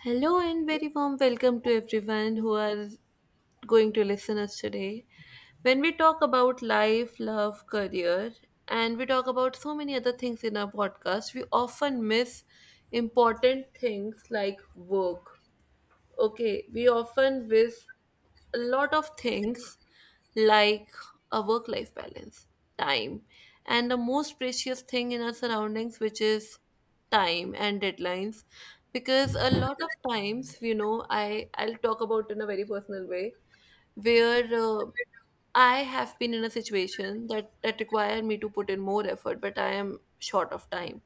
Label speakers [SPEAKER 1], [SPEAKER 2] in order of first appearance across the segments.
[SPEAKER 1] Hello and very warm welcome to everyone who are going to listen us today. When we talk about life, love, career, and we talk about so many other things in our podcast, we often miss important things like work. Okay, we often miss a lot of things like a work life balance, time, and the most precious thing in our surroundings, which is time and deadlines. Because a lot of times, I'll talk about in a very personal way where I have been in a situation that required me to put in more effort, but I am short of time.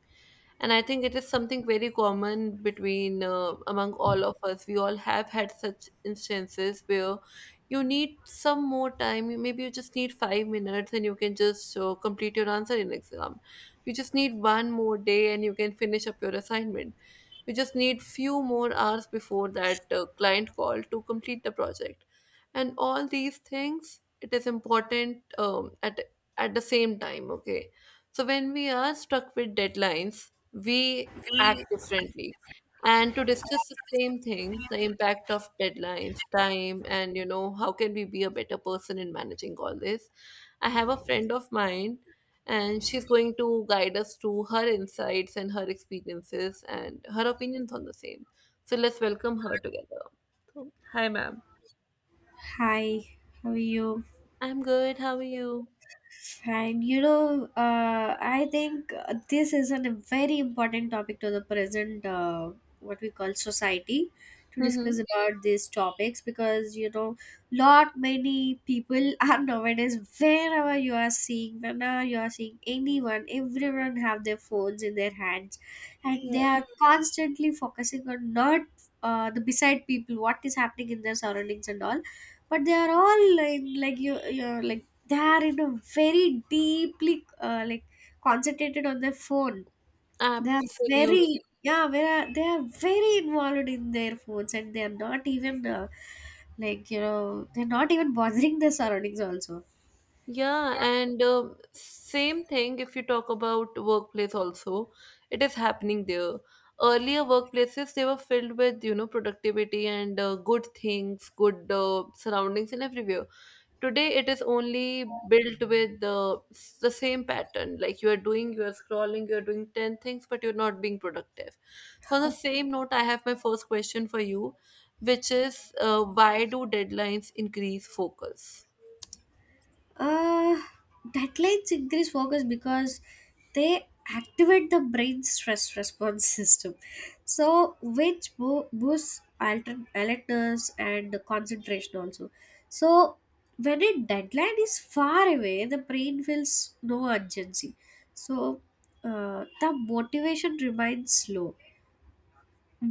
[SPEAKER 1] And I think it is something very common between among all of us. We all have had such instances where you need some more time. Maybe you just need 5 minutes, and you can just complete your answer in exam. You just need one more day, and you can finish up your assignment. We just need few more hours before that client call to complete the project. And all these things, it is important at the same time. Okay, so when we are stuck with deadlines, we act differently. And to discuss the same thing, the impact of deadlines, time, and you know how can we be a better person in managing all this. I have a friend of mine, and she's going to guide us through her insights and her experiences and her opinions on the same. So let's welcome her together. So, hi, ma'am.
[SPEAKER 2] Hi, how are you?
[SPEAKER 1] I'm good. How are you?
[SPEAKER 2] Fine. I think this is a very important topic to the present, what we call society, to discuss
[SPEAKER 1] Mm-hmm.
[SPEAKER 2] about these topics because lot many people are nowadays. Wherever you are seeing, whenever you are seeing anyone, everyone have their phones in their hands, and
[SPEAKER 1] Yeah,
[SPEAKER 2] they are constantly focusing on not the beside people, what is happening in their surroundings and all, but they are all in like like they are in a very deeply like concentrated on their phone. They are
[SPEAKER 1] absolute.
[SPEAKER 2] very Yeah, they are very involved in their phones and they are not even like they're not even bothering their surroundings also.
[SPEAKER 1] Yeah, and same thing if you talk about workplace also, it is happening there. Earlier workplaces, they were filled with, you know, productivity and good things, good surroundings and everywhere. Today it is only built with the same pattern. Like you are doing, you are scrolling, you are doing ten things, but you're not being productive. So on the same note, I have my first question for you, which is why do deadlines increase focus?
[SPEAKER 2] Uh, Backlight increase focus because they activate the brain stress response system, so which boosts alertness and concentration also. So when a deadline is far away, the brain feels no urgency. So the motivation remains low.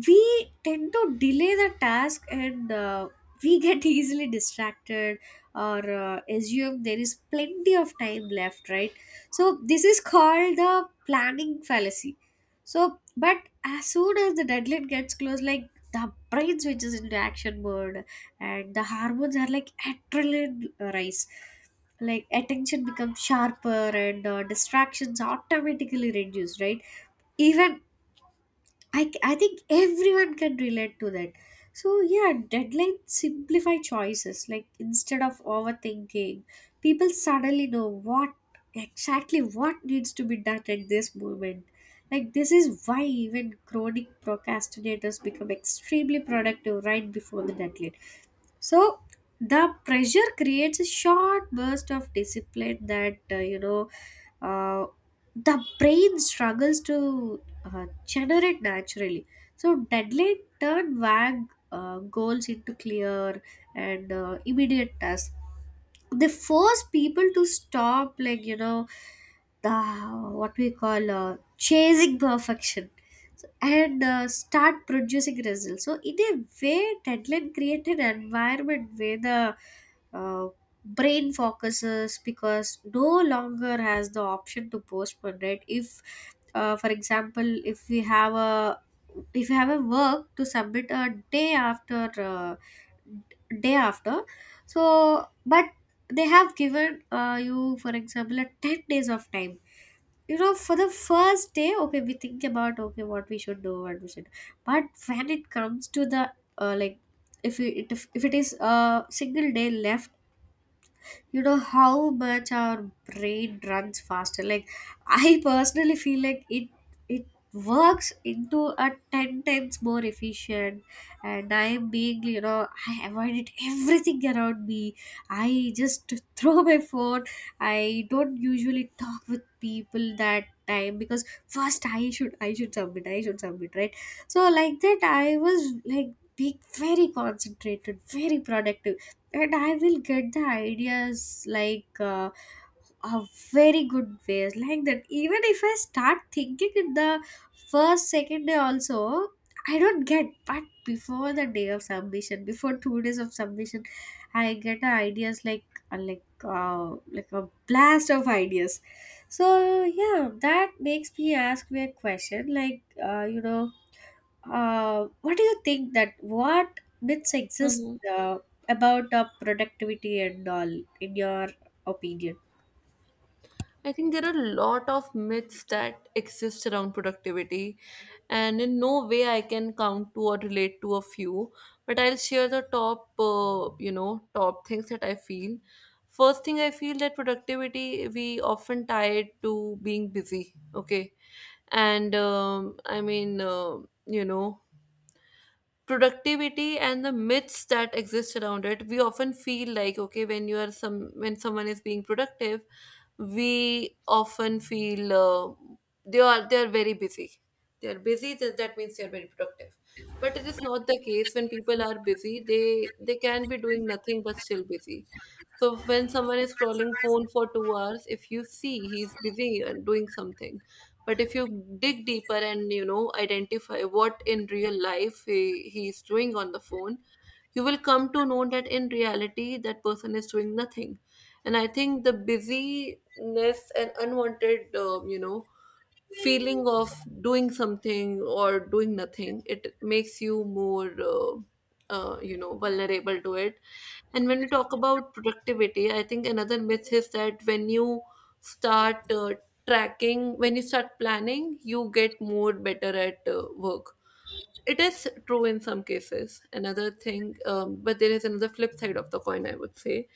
[SPEAKER 2] We tend to delay the task, and we get easily distracted, or assume there is plenty of time left, right? So this is called the planning fallacy. So, but as soon as the deadline gets close, like, the brain switches into action mode, and the hormones are like adrenaline rise, like attention becomes sharper, and distractions automatically reduce, right? Even I think everyone can relate to that. So, yeah, deadlines simplify choices. Like, instead of overthinking, people suddenly know what exactly what needs to be done at this moment. Like, this is why even chronic procrastinators become extremely productive right before the deadline, so the pressure creates a short burst of discipline that uh, the brain struggles to generate naturally. So deadline turn vague goals into clear and immediate tasks. They force people to stop, like, you know the what we call chasing perfection. So, and start producing results. So in a way, deadline created an environment where the uh, brain focuses because no longer has the option to postpone. Right? If, for example, if you have a work to submit a day after day after, so but they have given you, for example, a 10 days of time. You know, for the first day, okay, we think about, okay, what we should do, what we should do. But when it comes to the like, if it is a single day left, you know how much our brain runs faster. Like, I personally feel like it works into a 10 times more efficient. And I am being I avoided everything around me. I just throw my phone. I don't usually talk with people that time because first I should submit, I should submit, right? So like that, I was like being very concentrated, very productive. And I will get the ideas, like, a very good ways like that. Even if I start thinking in the first second day also, I don't get. But before the day of submission, before 2 days of submission, I get the ideas uh, like uh, like a blast of ideas. So, yeah, that makes me ask me a question, like, uh, you know what do you think that what myths exist about productivity and all, in your opinion?
[SPEAKER 1] I think there are a lot of myths that exist around productivity, and in no way I can count to or relate to a few. But I'll share the top, top things that I feel. First thing I feel that productivity we often tie it to being busy. Okay, and I mean, you know, productivity and the myths that exist around it, we often feel like okay when you are some when someone is being productive, we often feel they are very busy. They are busy. That means they are very productive, but it is not the case. When people are busy, they can be doing nothing but still busy. So when someone is scrolling phone for 2 hours, if you see he's busy and doing something, but if you dig deeper and you know identify what in real life he's doing on the phone, you will come to know that in reality that person is doing nothing. And I think the busyness and unwanted feeling of doing something or doing nothing, it makes you more vulnerable to it. And when we talk about productivity, I think another myth is that when you start tracking, when you start planning, you get more better at work. It is true in some cases. Another thing But there is another flip side of the coin, I would say,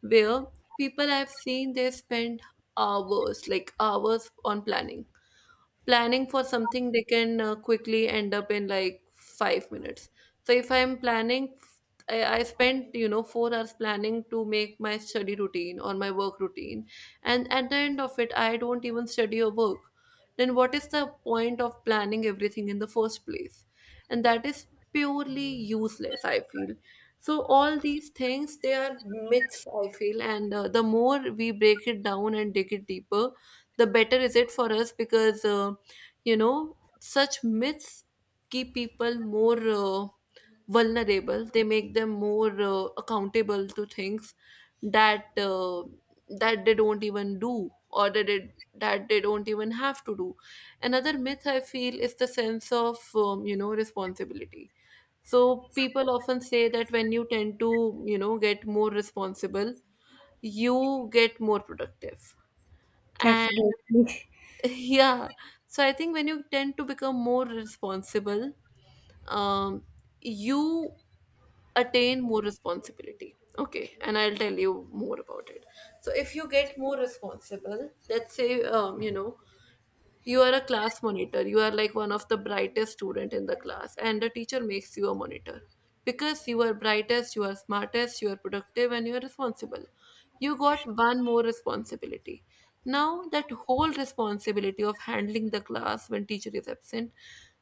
[SPEAKER 1] where people I've seen, they spend hours, like hours on planning, planning for something they can quickly end up in like 5 minutes. So if I'm planning, I spent you know 4 hours planning to make my study routine or my work routine, and at the end of it I don't even study or work, then what is the point of planning everything in the first place? And that is purely useless, I feel. So all these things, they are myths, I feel. And the more we break it down and dig it deeper, the better is it for us, because you know, such myths keep people more vulnerable. They make them more accountable to things that that they don't even do, or that they don't even have to do. Another myth I feel is the sense of you know responsibility. So people often say that when you tend to you know get more responsible, you get more productive and
[SPEAKER 2] Definitely.
[SPEAKER 1] yeah. So I think when you tend to become more responsible, um you attain more responsibility, okay, and I'll tell you more about it. So if you get more responsible, let's say you know, you are a class monitor. You are like one of the brightest student in the class and the teacher makes you a monitor. Because you are brightest, you are smartest, you are productive and you are responsible. You got one more responsibility. Now that whole responsibility of handling the class when teacher is absent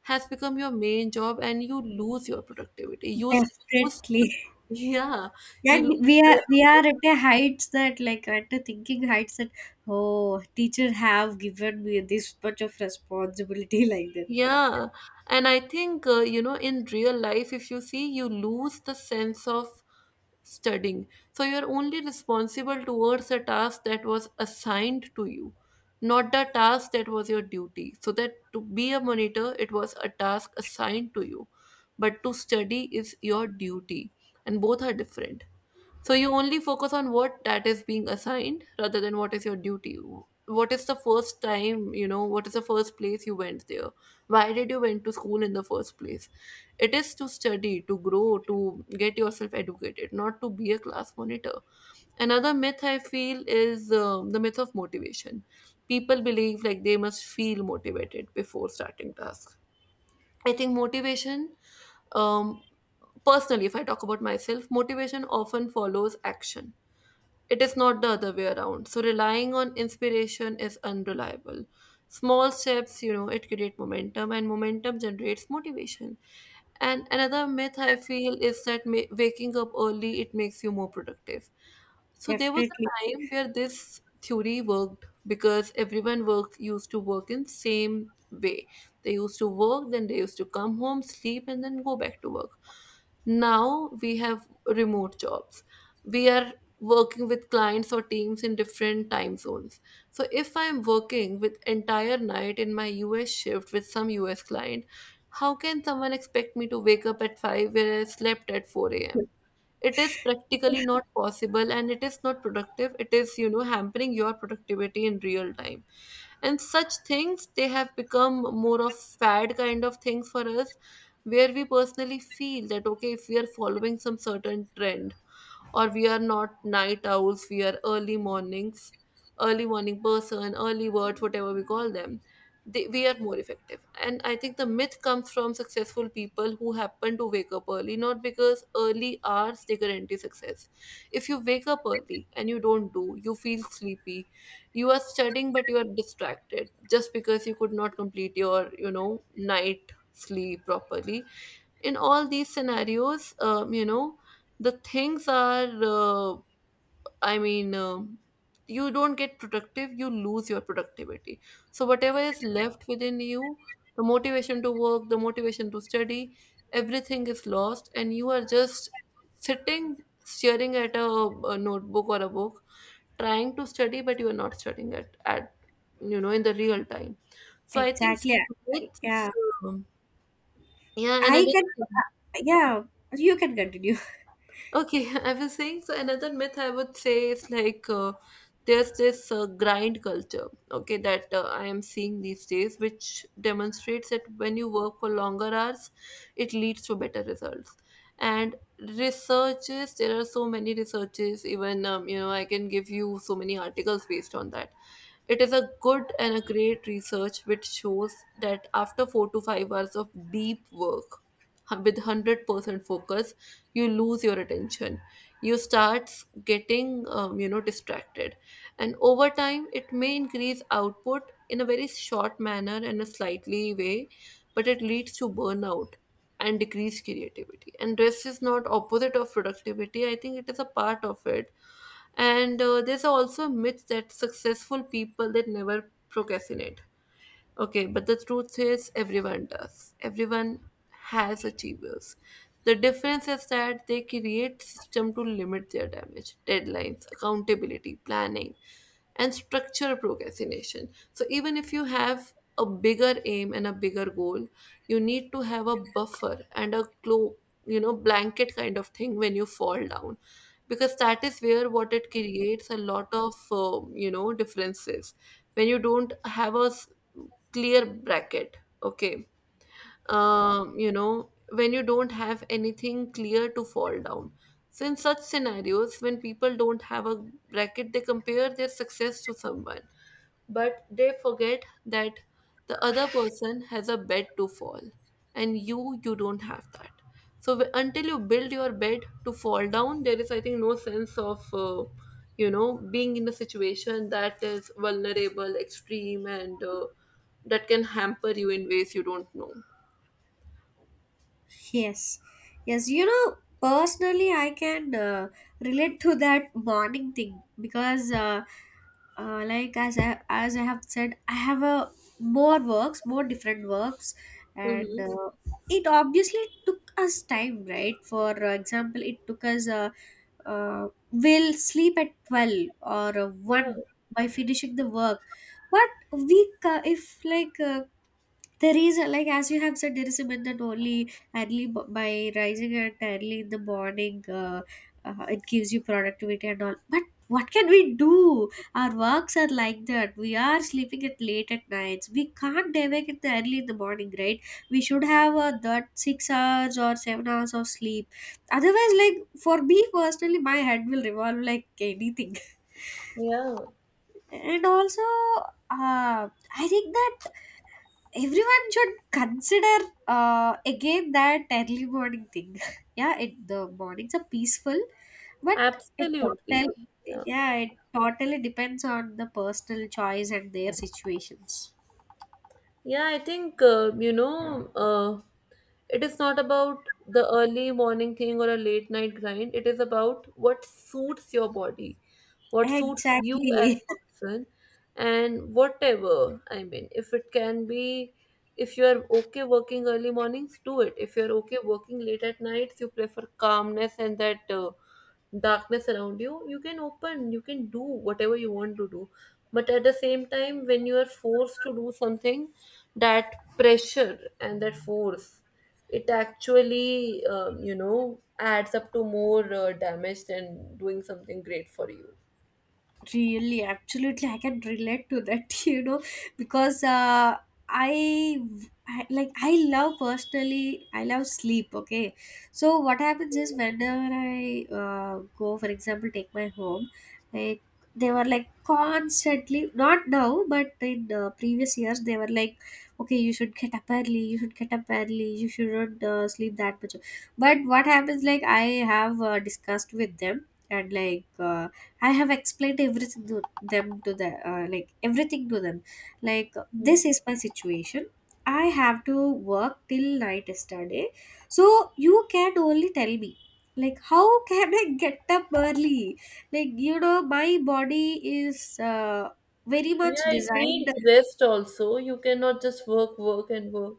[SPEAKER 1] has become your main job and you lose your productivity. You lose
[SPEAKER 2] Definitely.
[SPEAKER 1] yeah, you
[SPEAKER 2] And we are we
[SPEAKER 1] lose.
[SPEAKER 2] are at a heights that, like, at a thinking heights that, oh, teacher have given me this much of responsibility, like that.
[SPEAKER 1] Yeah, and I think you know in real life, if you see, you lose the sense of studying. So you're only responsible towards a task that was assigned to you, not the task that was your duty. So that to be a monitor, it was a task assigned to you, but to study is your duty, and both are different. So you only focus on what that is being assigned rather than what is your duty. What is the first time, you know, what is the first place you went there? Why did you went to school in the first place? It is to study, to grow, to get yourself educated, not to be a class monitor. Another myth I feel is the myth of motivation. People believe like they must feel motivated before starting tasks. I think motivation, um, personally if I talk about myself, motivation often follows action. It is not the other way around. So relying on inspiration is unreliable. Small steps, you know, it create momentum and momentum generates motivation. And another myth I feel is that waking up early it makes you more productive. So there was a
[SPEAKER 2] Definitely.
[SPEAKER 1] time where this theory worked because everyone work used to work in same way. They used to work, then they used to come home, sleep, and then go back to work. Now we have remote jobs. We are working with clients or teams in different time zones. So if I'm working with entire night in my US shift with some US client, how can someone expect me to wake up at 5 where I slept at 4 a.m.? It is practically not possible and it is not productive. It is, you know, hampering your productivity in real time. And such things, they have become more of fad kind of things for us, where we personally feel that, okay, if we are following some certain trend, or we are not night owls, we are early mornings, early morning person, early birds, whatever we call them, we are more effective. And I think the myth comes from successful people who happen to wake up early, not because early hours they guarantee success. If you wake up early and you don't, do you feel sleepy? You are studying but you are distracted just because you could not complete your you know night sleep properly. In all these scenarios, the things are I mean, you don't get productive, you lose your productivity. So whatever is left within you, the motivation to work, the motivation to study, everything is lost and you are just sitting staring at a notebook or a book, trying to study but you are not studying it at you know in the real time. So I think so,
[SPEAKER 2] Exactly.
[SPEAKER 1] it's
[SPEAKER 2] Yeah.
[SPEAKER 1] um, yeah,
[SPEAKER 2] I
[SPEAKER 1] another
[SPEAKER 2] can,
[SPEAKER 1] thing.
[SPEAKER 2] uh, yeah, you can continue.
[SPEAKER 1] Okay, I was saying so. Another myth I would say is like there's this grind culture, okay, that I am seeing these days, which demonstrates that when you work for longer hours, it leads to better results. And researches, there are so many researches, even you know, I can give you so many articles based on that. It is a good and a great research which shows that after 4 to 5 hours of deep work with 100% focus, you lose your attention. You start getting, you know, distracted. And over time, it may increase output in a very short manner and a slightly way, but it leads to burnout and decreased creativity. And rest is not opposite of productivity. I think it is a part of it. And there's also a myth that successful people they never procrastinate. Okay, but the truth is everyone does. Everyone has achievers. The difference is that they create system to limit their damage, deadlines, accountability, planning, and structure procrastination. So, even if you have a bigger aim and a bigger goal, you need to have a buffer and a blanket kind of thing when you fall down, because that is where what it creates a lot of differences when you don't have a clear bracket, okay. When you don't have anything clear to fall down. So, in such scenarios, when people don't have a bracket, they compare their success to someone, but they forget that the other person has a bed to fall, and you don't have that. So, until you build your bed to fall down, there is, I think, no sense of being in a situation that is vulnerable, extreme, and that can hamper you in ways you don't know.
[SPEAKER 2] Yes, yes, personally, I can relate to that morning thing because, like, as I have said, I have a more works, more different works, and
[SPEAKER 1] Mm-hmm.
[SPEAKER 2] it obviously took us time, right? For example, it took us will sleep at 12 or
[SPEAKER 1] Yeah,
[SPEAKER 2] 1 by finishing the work. But if, like, there is, like, as you have said, there is a myth that only by rising at early in the morning, it gives you productivity and all. But what can we do? Our works are like that. We are sleeping at late at nights. We can't day wake at the early in the morning, right? We should have that 6 hours or 7 hours of sleep. Otherwise, like for me personally, my head will revolve like anything.
[SPEAKER 1] yeah,
[SPEAKER 2] And also, uh, I think that everyone should consider again that early morning thing. Yeah, it the mornings are peaceful, but it total
[SPEAKER 1] absolutely. Yeah,
[SPEAKER 2] yeah, it totally depends on the personal choice and their situations.
[SPEAKER 1] yeah. I think it is not about the early morning thing or a late night grind. It is about what suits your body, what suits you as
[SPEAKER 2] Exactly.
[SPEAKER 1] person. And whatever, I mean, if it can be, if you are okay working early mornings, do it. If you are okay working late at nights, you prefer calmness and that darkness around you can open, you can do whatever you want to do. But at the same time, when you are forced to do something, that pressure and that force, it actually adds up to more damage than doing something great for you.
[SPEAKER 2] Really, absolutely, I can relate to that, because I, I like I love personally, I love sleep. Okay, so what happens is whenever I go, for example, take my home, like they were like constantly, not now, but in previous years, they were like, okay, you should get up early, you should get up early, you shouldn't sleep that much. But what happens, like, I have discussed with them and I have explained everything to them, to the like everything to them. Like,
[SPEAKER 1] Mm.
[SPEAKER 2] this is my situation. I have to work till night yesterday. So you can only tell me, like, how can I get up early? Like, you know, my body is very much
[SPEAKER 1] Yeah, it
[SPEAKER 2] designed.
[SPEAKER 1] needs rest also. You cannot just work, work, and work.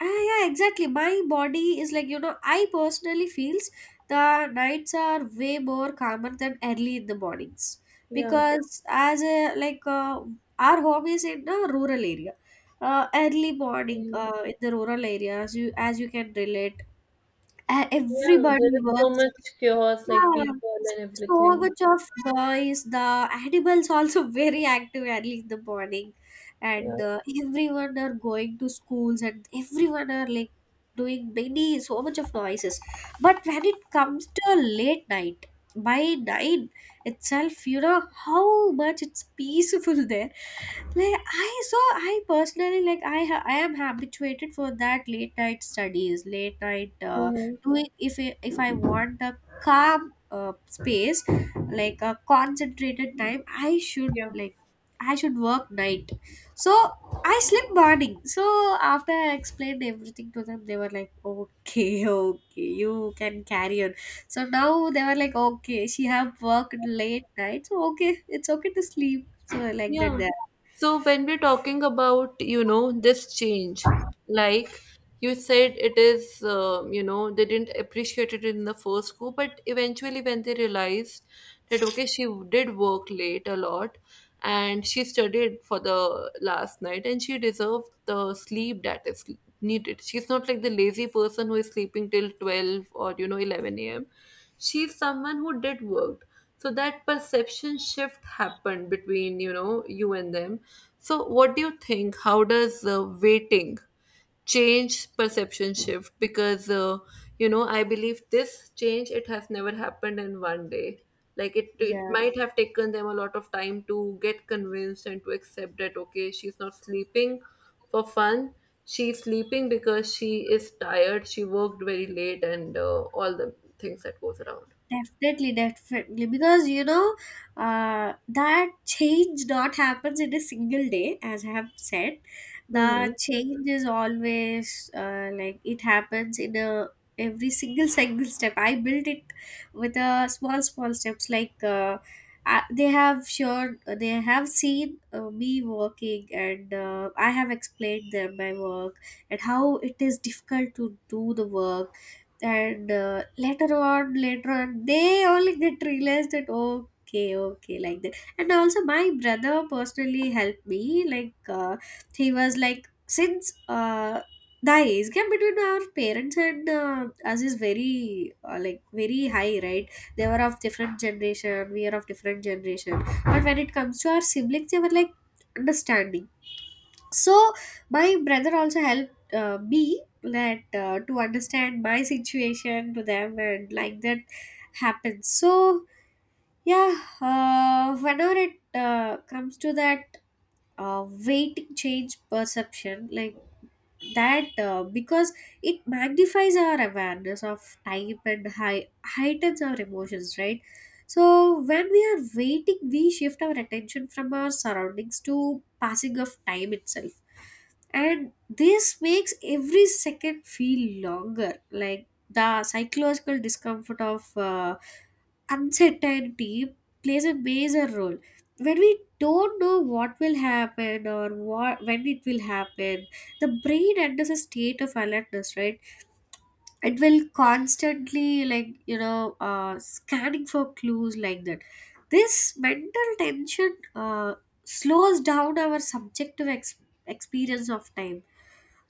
[SPEAKER 2] Ah, yeah, exactly. My body is like, you know, I personally feels the nights are way more calmer than early in the mornings,
[SPEAKER 1] Yeah.
[SPEAKER 2] because as a like our home is in a rural area. Early morning
[SPEAKER 1] Mm.
[SPEAKER 2] in the rural areas, you as you can relate,
[SPEAKER 1] Yeah, there
[SPEAKER 2] everybody
[SPEAKER 1] is so
[SPEAKER 2] works,
[SPEAKER 1] much chaos, like
[SPEAKER 2] yeah,
[SPEAKER 1] people and
[SPEAKER 2] so
[SPEAKER 1] everything.
[SPEAKER 2] much of noise. The animals also very active early in the morning,
[SPEAKER 1] Yeah.
[SPEAKER 2] and everyone are going to schools, and everyone are like doing many so much of noises. But when it comes to late night, by 9 itself, you know how much it's peaceful there. Like, I so I personally like I ha- I am habituated for that late night studies, late night
[SPEAKER 1] Hmm.
[SPEAKER 2] doing. If I want a calm space like a concentrated time, i should
[SPEAKER 1] Yeah.
[SPEAKER 2] like I should work night. So I sleep morning. So after I explained everything to them, they were like, okay, okay, you can carry on. So now they were like, okay, she have worked late night, so okay, it's okay to sleep, so like that.
[SPEAKER 1] Yeah. So when we're talking about this change, like you said, it is, you know, they didn't appreciate it in the first go, but eventually when they realized that, okay, she did work late a lot, and she studied for the last night, and she deserved the sleep that is needed. She's not like the lazy person who is sleeping till 12 or 11 a.m. She's someone who did work, so that perception shift happened between you and them. So what do you think, how does waiting change perception shift? Because I believe this change, it has never happened in one day. Like it
[SPEAKER 2] Yeah,
[SPEAKER 1] might have taken them a lot of time to get convinced and to accept that, okay, she's not sleeping for fun. She's sleeping because she is tired. She worked very late, and all the things that goes around.
[SPEAKER 2] definitely, definitely. Because, that change not happens in a single day, as I have said.
[SPEAKER 1] Mm-hmm.
[SPEAKER 2] The change is always, like, it happens in a every single single step. I built it with a small small steps. Like, they have sure they have seen me working, and I have explained them my work and how it is difficult to do the work. And later on they only get realized that, okay, okay, like that. And also my brother personally helped me, like, he was like since the age gap between our parents and us is very like very high, right? They were of different generation, we are of different generation, but when it comes to our siblings, they were like understanding. So my brother also helped me, that to understand my situation to them, and like that happens. So, yeah, whenever it comes to that, weighting change perception like that, because it magnifies our awareness of time and heightens our emotions, right? So when we are waiting, we shift our attention from our surroundings to passing of time itself, and this makes every second feel longer, like the psychological discomfort of uncertainty plays a major role. When we don't know what will happen or what when it will happen, the brain enters a state of alertness, right? It will constantly, like, scanning for clues, like that. This mental tension slows down our subjective experience of time.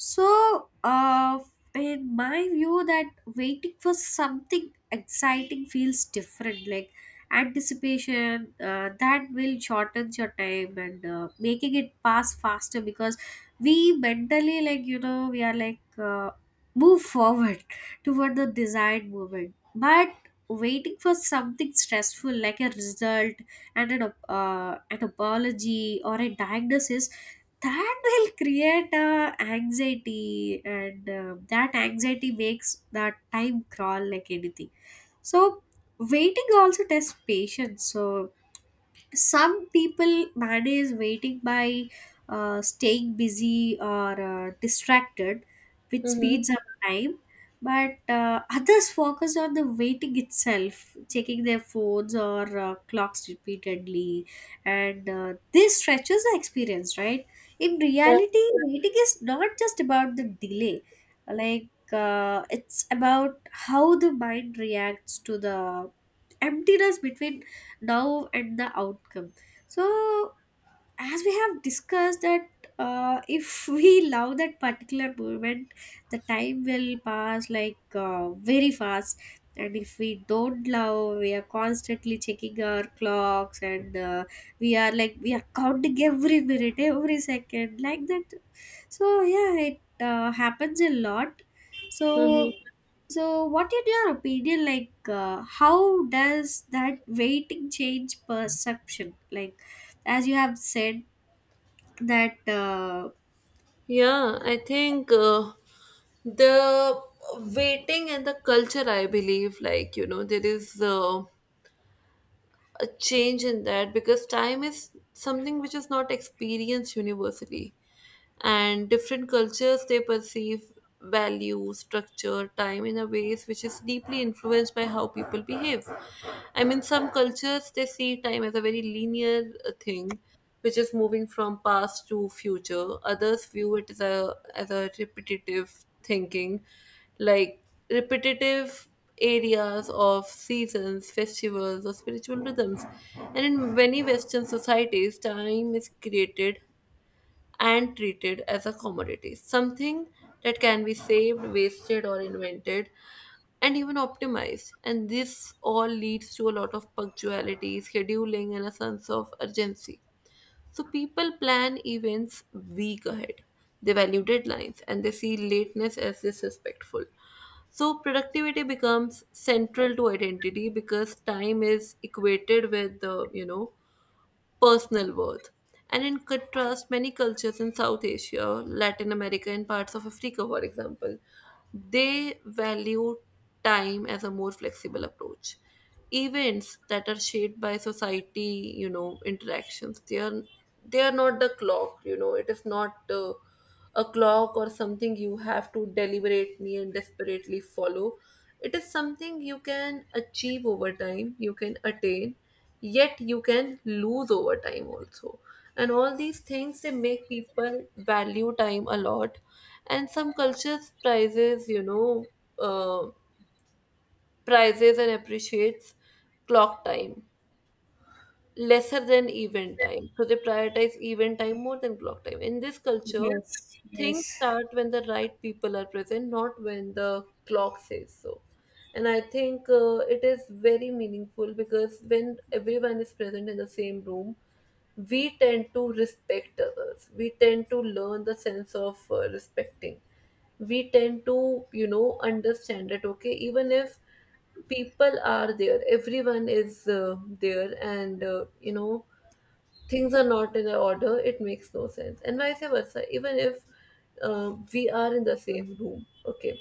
[SPEAKER 2] So, in my view, that waiting for something exciting feels different. Like, anticipation, that will shorten your time and making it pass faster, because we mentally, like, we are like move forward toward the desired moment. But waiting for something stressful, like a result and an apology or a diagnosis, that will create anxiety, and that anxiety makes that time crawl like anything. So waiting also tests patience. So some people manage waiting by staying busy or distracted, which
[SPEAKER 1] Mm-hmm.
[SPEAKER 2] speeds up time. But others focus on the waiting itself, checking their phones or clocks repeatedly, and this stretches the experience, right? In reality, waiting is not just about the delay, like, it's about how the mind reacts to the emptiness between now and the outcome. So as we have discussed that, if we love that particular moment, the time will pass like very fast. And if we don't love, we are constantly checking our clocks, and we are counting every minute, every second, like that. So, yeah, it happens a lot.
[SPEAKER 1] Hmm.
[SPEAKER 2] So, so what in your opinion, like, how does that waiting change perception, like, as you have said that
[SPEAKER 1] Yeah, I think the waiting and the culture, I believe, like there is a change in that, because time is something which is not experienced universally. And different cultures, they perceive value structure time in a ways which is deeply influenced by how people behave. I mean, some cultures, they see time as a very linear thing, which is moving from past to future. Others view it as a repetitive thinking, like repetitive areas of seasons, festivals, or spiritual rhythms. And in many Western societies, time is created and treated as a commodity, something that can be saved, wasted, or invented, and even optimized. And this all leads to a lot of punctuality, scheduling, and a sense of urgency. So people plan events week ahead. They value deadlines and they see lateness as disrespectful. So productivity becomes central to identity because time is equated with the personal worth. And in contrast, many cultures in South Asia, Latin America, and parts of Africa, for example, they value time as a more flexible approach. Events that are shaped by society, you know, interactions, they are not the clock. You know, it is not. A clock or something you have to deliberately and desperately follow. It is something you can achieve over time, you can attain, yet you can lose over time also. And all these things, they make people value time a lot. And some cultures uh, prizes and appreciates clock time lesser than event time. So they prioritize event time more than clock time. In this culture,
[SPEAKER 2] yes,
[SPEAKER 1] things
[SPEAKER 2] yes.
[SPEAKER 1] start when the right people are present, not when the clock says so. And I think it is very meaningful because when everyone is present in the same room, we tend to respect others. We tend to learn the sense of respecting. We tend to understand that, okay, even if people are there, everyone is there, and things are not in a order, it makes no sense. And vice versa, even if we are in the same room, okay,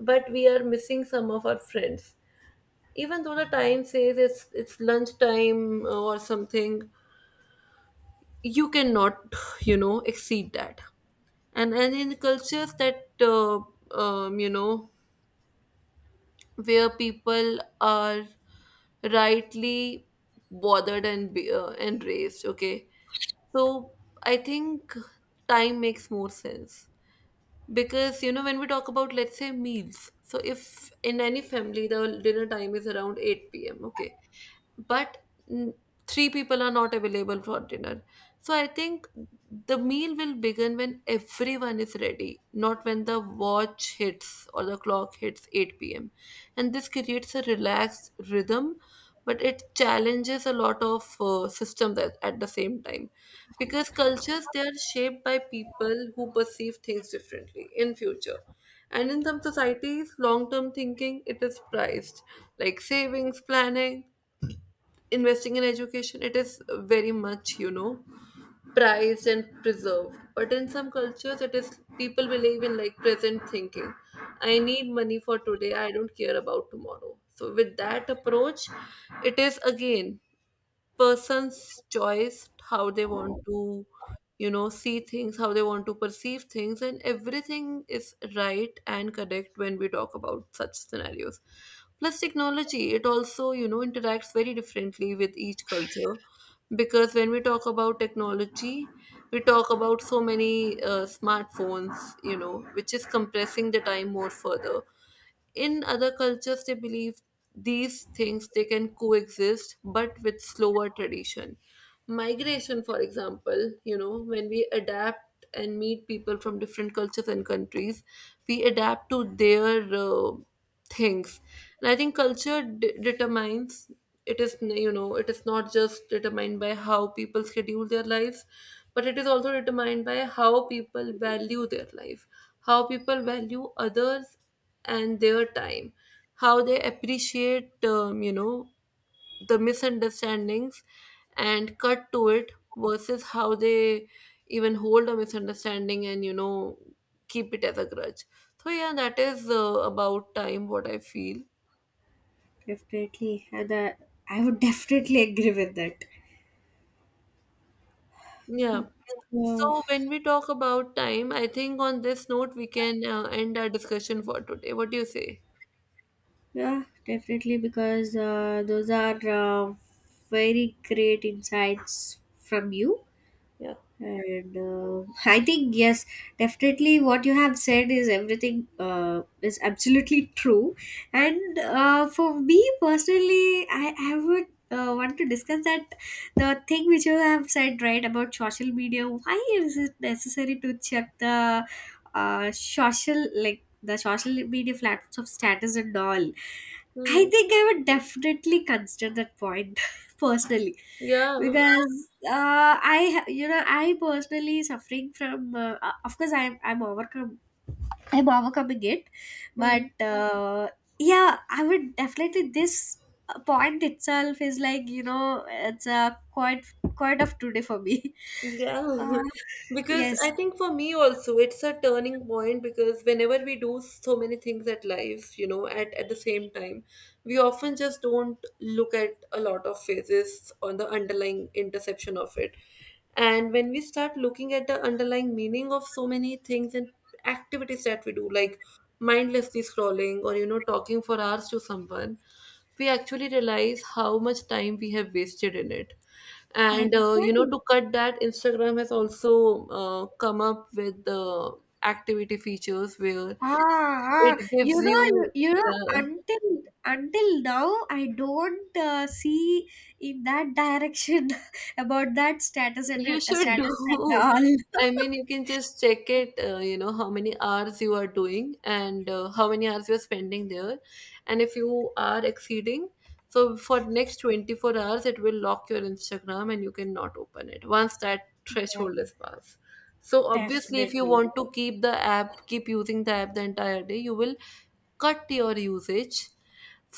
[SPEAKER 1] but we are missing some of our friends, even though the time says it's lunchtime or something, you cannot exceed that. And in cultures that you know where people are rightly bothered and and raised, okay. So I think time makes more sense, because when we talk about, let's say, meals, so if in any family the dinner time is around 8 p.m., okay, but mm, three people are not available for dinner, so I think the meal will begin when everyone is ready, not when the watch hits or the clock hits 8 p.m. And this creates a relaxed rhythm, but it challenges a lot of systems at the same time, because cultures, they are shaped by people who perceive things differently in future. And in some societies, long term thinking it is prized, like savings, planning, investing in education. It is very much prized and preserved, but in some cultures it is people believe in like present thinking: I need money for today, I don't care about tomorrow. So with that approach, it is again person's choice how they want to see things, how they want to perceive things. And everything is right and correct when we talk about such scenarios. Plus, technology, it also interacts very differently with each culture, because when we talk about technology, we talk about so many smartphones, which is compressing the time more further. In other cultures, they believe these things they can coexist but with slower tradition. Migration, for example, when we adapt and meet people from different cultures and countries, we adapt to their things. And I think culture determines, it is not just determined by how people schedule their lives, but it is also determined by how people value their life, how people value others and their time, how they appreciate the misunderstandings and cut to it, versus how they even hold a misunderstanding and keep it as a grudge. So yeah, that is about time, what I feel.
[SPEAKER 2] Definitely. And I would definitely agree with that.
[SPEAKER 1] Yeah.
[SPEAKER 2] uh,
[SPEAKER 1] So when we talk about time, I think on this note we can end our discussion for today. What do you say?
[SPEAKER 2] yeah, definitely, because those are very great insights from you.
[SPEAKER 1] Yeah.
[SPEAKER 2] And I think yes, definitely what you have said is everything is absolutely true. And for me personally, I would want to discuss that the thing which you have said right about social media. Why is it necessary to check the social media platforms of status and all? I
[SPEAKER 1] Hmm.
[SPEAKER 2] think I would definitely consider that point, personally,
[SPEAKER 1] Yeah.
[SPEAKER 2] because I ha- you know I personally suffering from of course I'm overcoming it. But
[SPEAKER 1] Hmm.
[SPEAKER 2] yeah, I would definitely this point itself is like, you know, it's a quite quite of today for me.
[SPEAKER 1] Yeah,
[SPEAKER 2] uh,
[SPEAKER 1] because
[SPEAKER 2] yes,
[SPEAKER 1] I think for me also it's a turning point, because whenever we do so many things at life, at the same time, we often just don't look at a lot of phases on the underlying interception of it. And when we start looking at the underlying meaning of so many things and activities that we do, like mindlessly scrolling or talking for hours to someone, we actually realize how much time we have wasted in it. And
[SPEAKER 2] exactly.
[SPEAKER 1] to cut that, Instagram has also come up with the activity features where
[SPEAKER 2] Ah, ah,
[SPEAKER 1] it gives you, uh,
[SPEAKER 2] until until now, I don't see in that direction about that status and
[SPEAKER 1] you should do.
[SPEAKER 2] status and all.
[SPEAKER 1] I mean, you can just check it, how many hours you are doing and how many hours you're spending there. And if you are exceeding, so for next 24 hours, it will lock your Instagram and you cannot open it once that
[SPEAKER 2] Yeah,
[SPEAKER 1] threshold is passed. So obviously, if you
[SPEAKER 2] definitely,
[SPEAKER 1] want to keep the app, keep using the app the entire day, you will cut your usage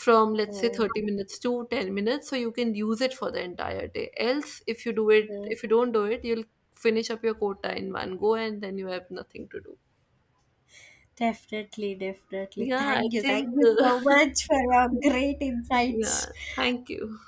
[SPEAKER 1] from let's say
[SPEAKER 2] definitely,
[SPEAKER 1] 30 minutes to 10 minutes so you can use it for the entire day. Else, if you do it, if you don't do it, you'll finish up your quota in one go and then you have nothing to do.
[SPEAKER 2] definitely, definitely.
[SPEAKER 1] Yeah, I
[SPEAKER 2] Thank
[SPEAKER 1] think
[SPEAKER 2] you so much for your great insights.
[SPEAKER 1] yeah, thank you.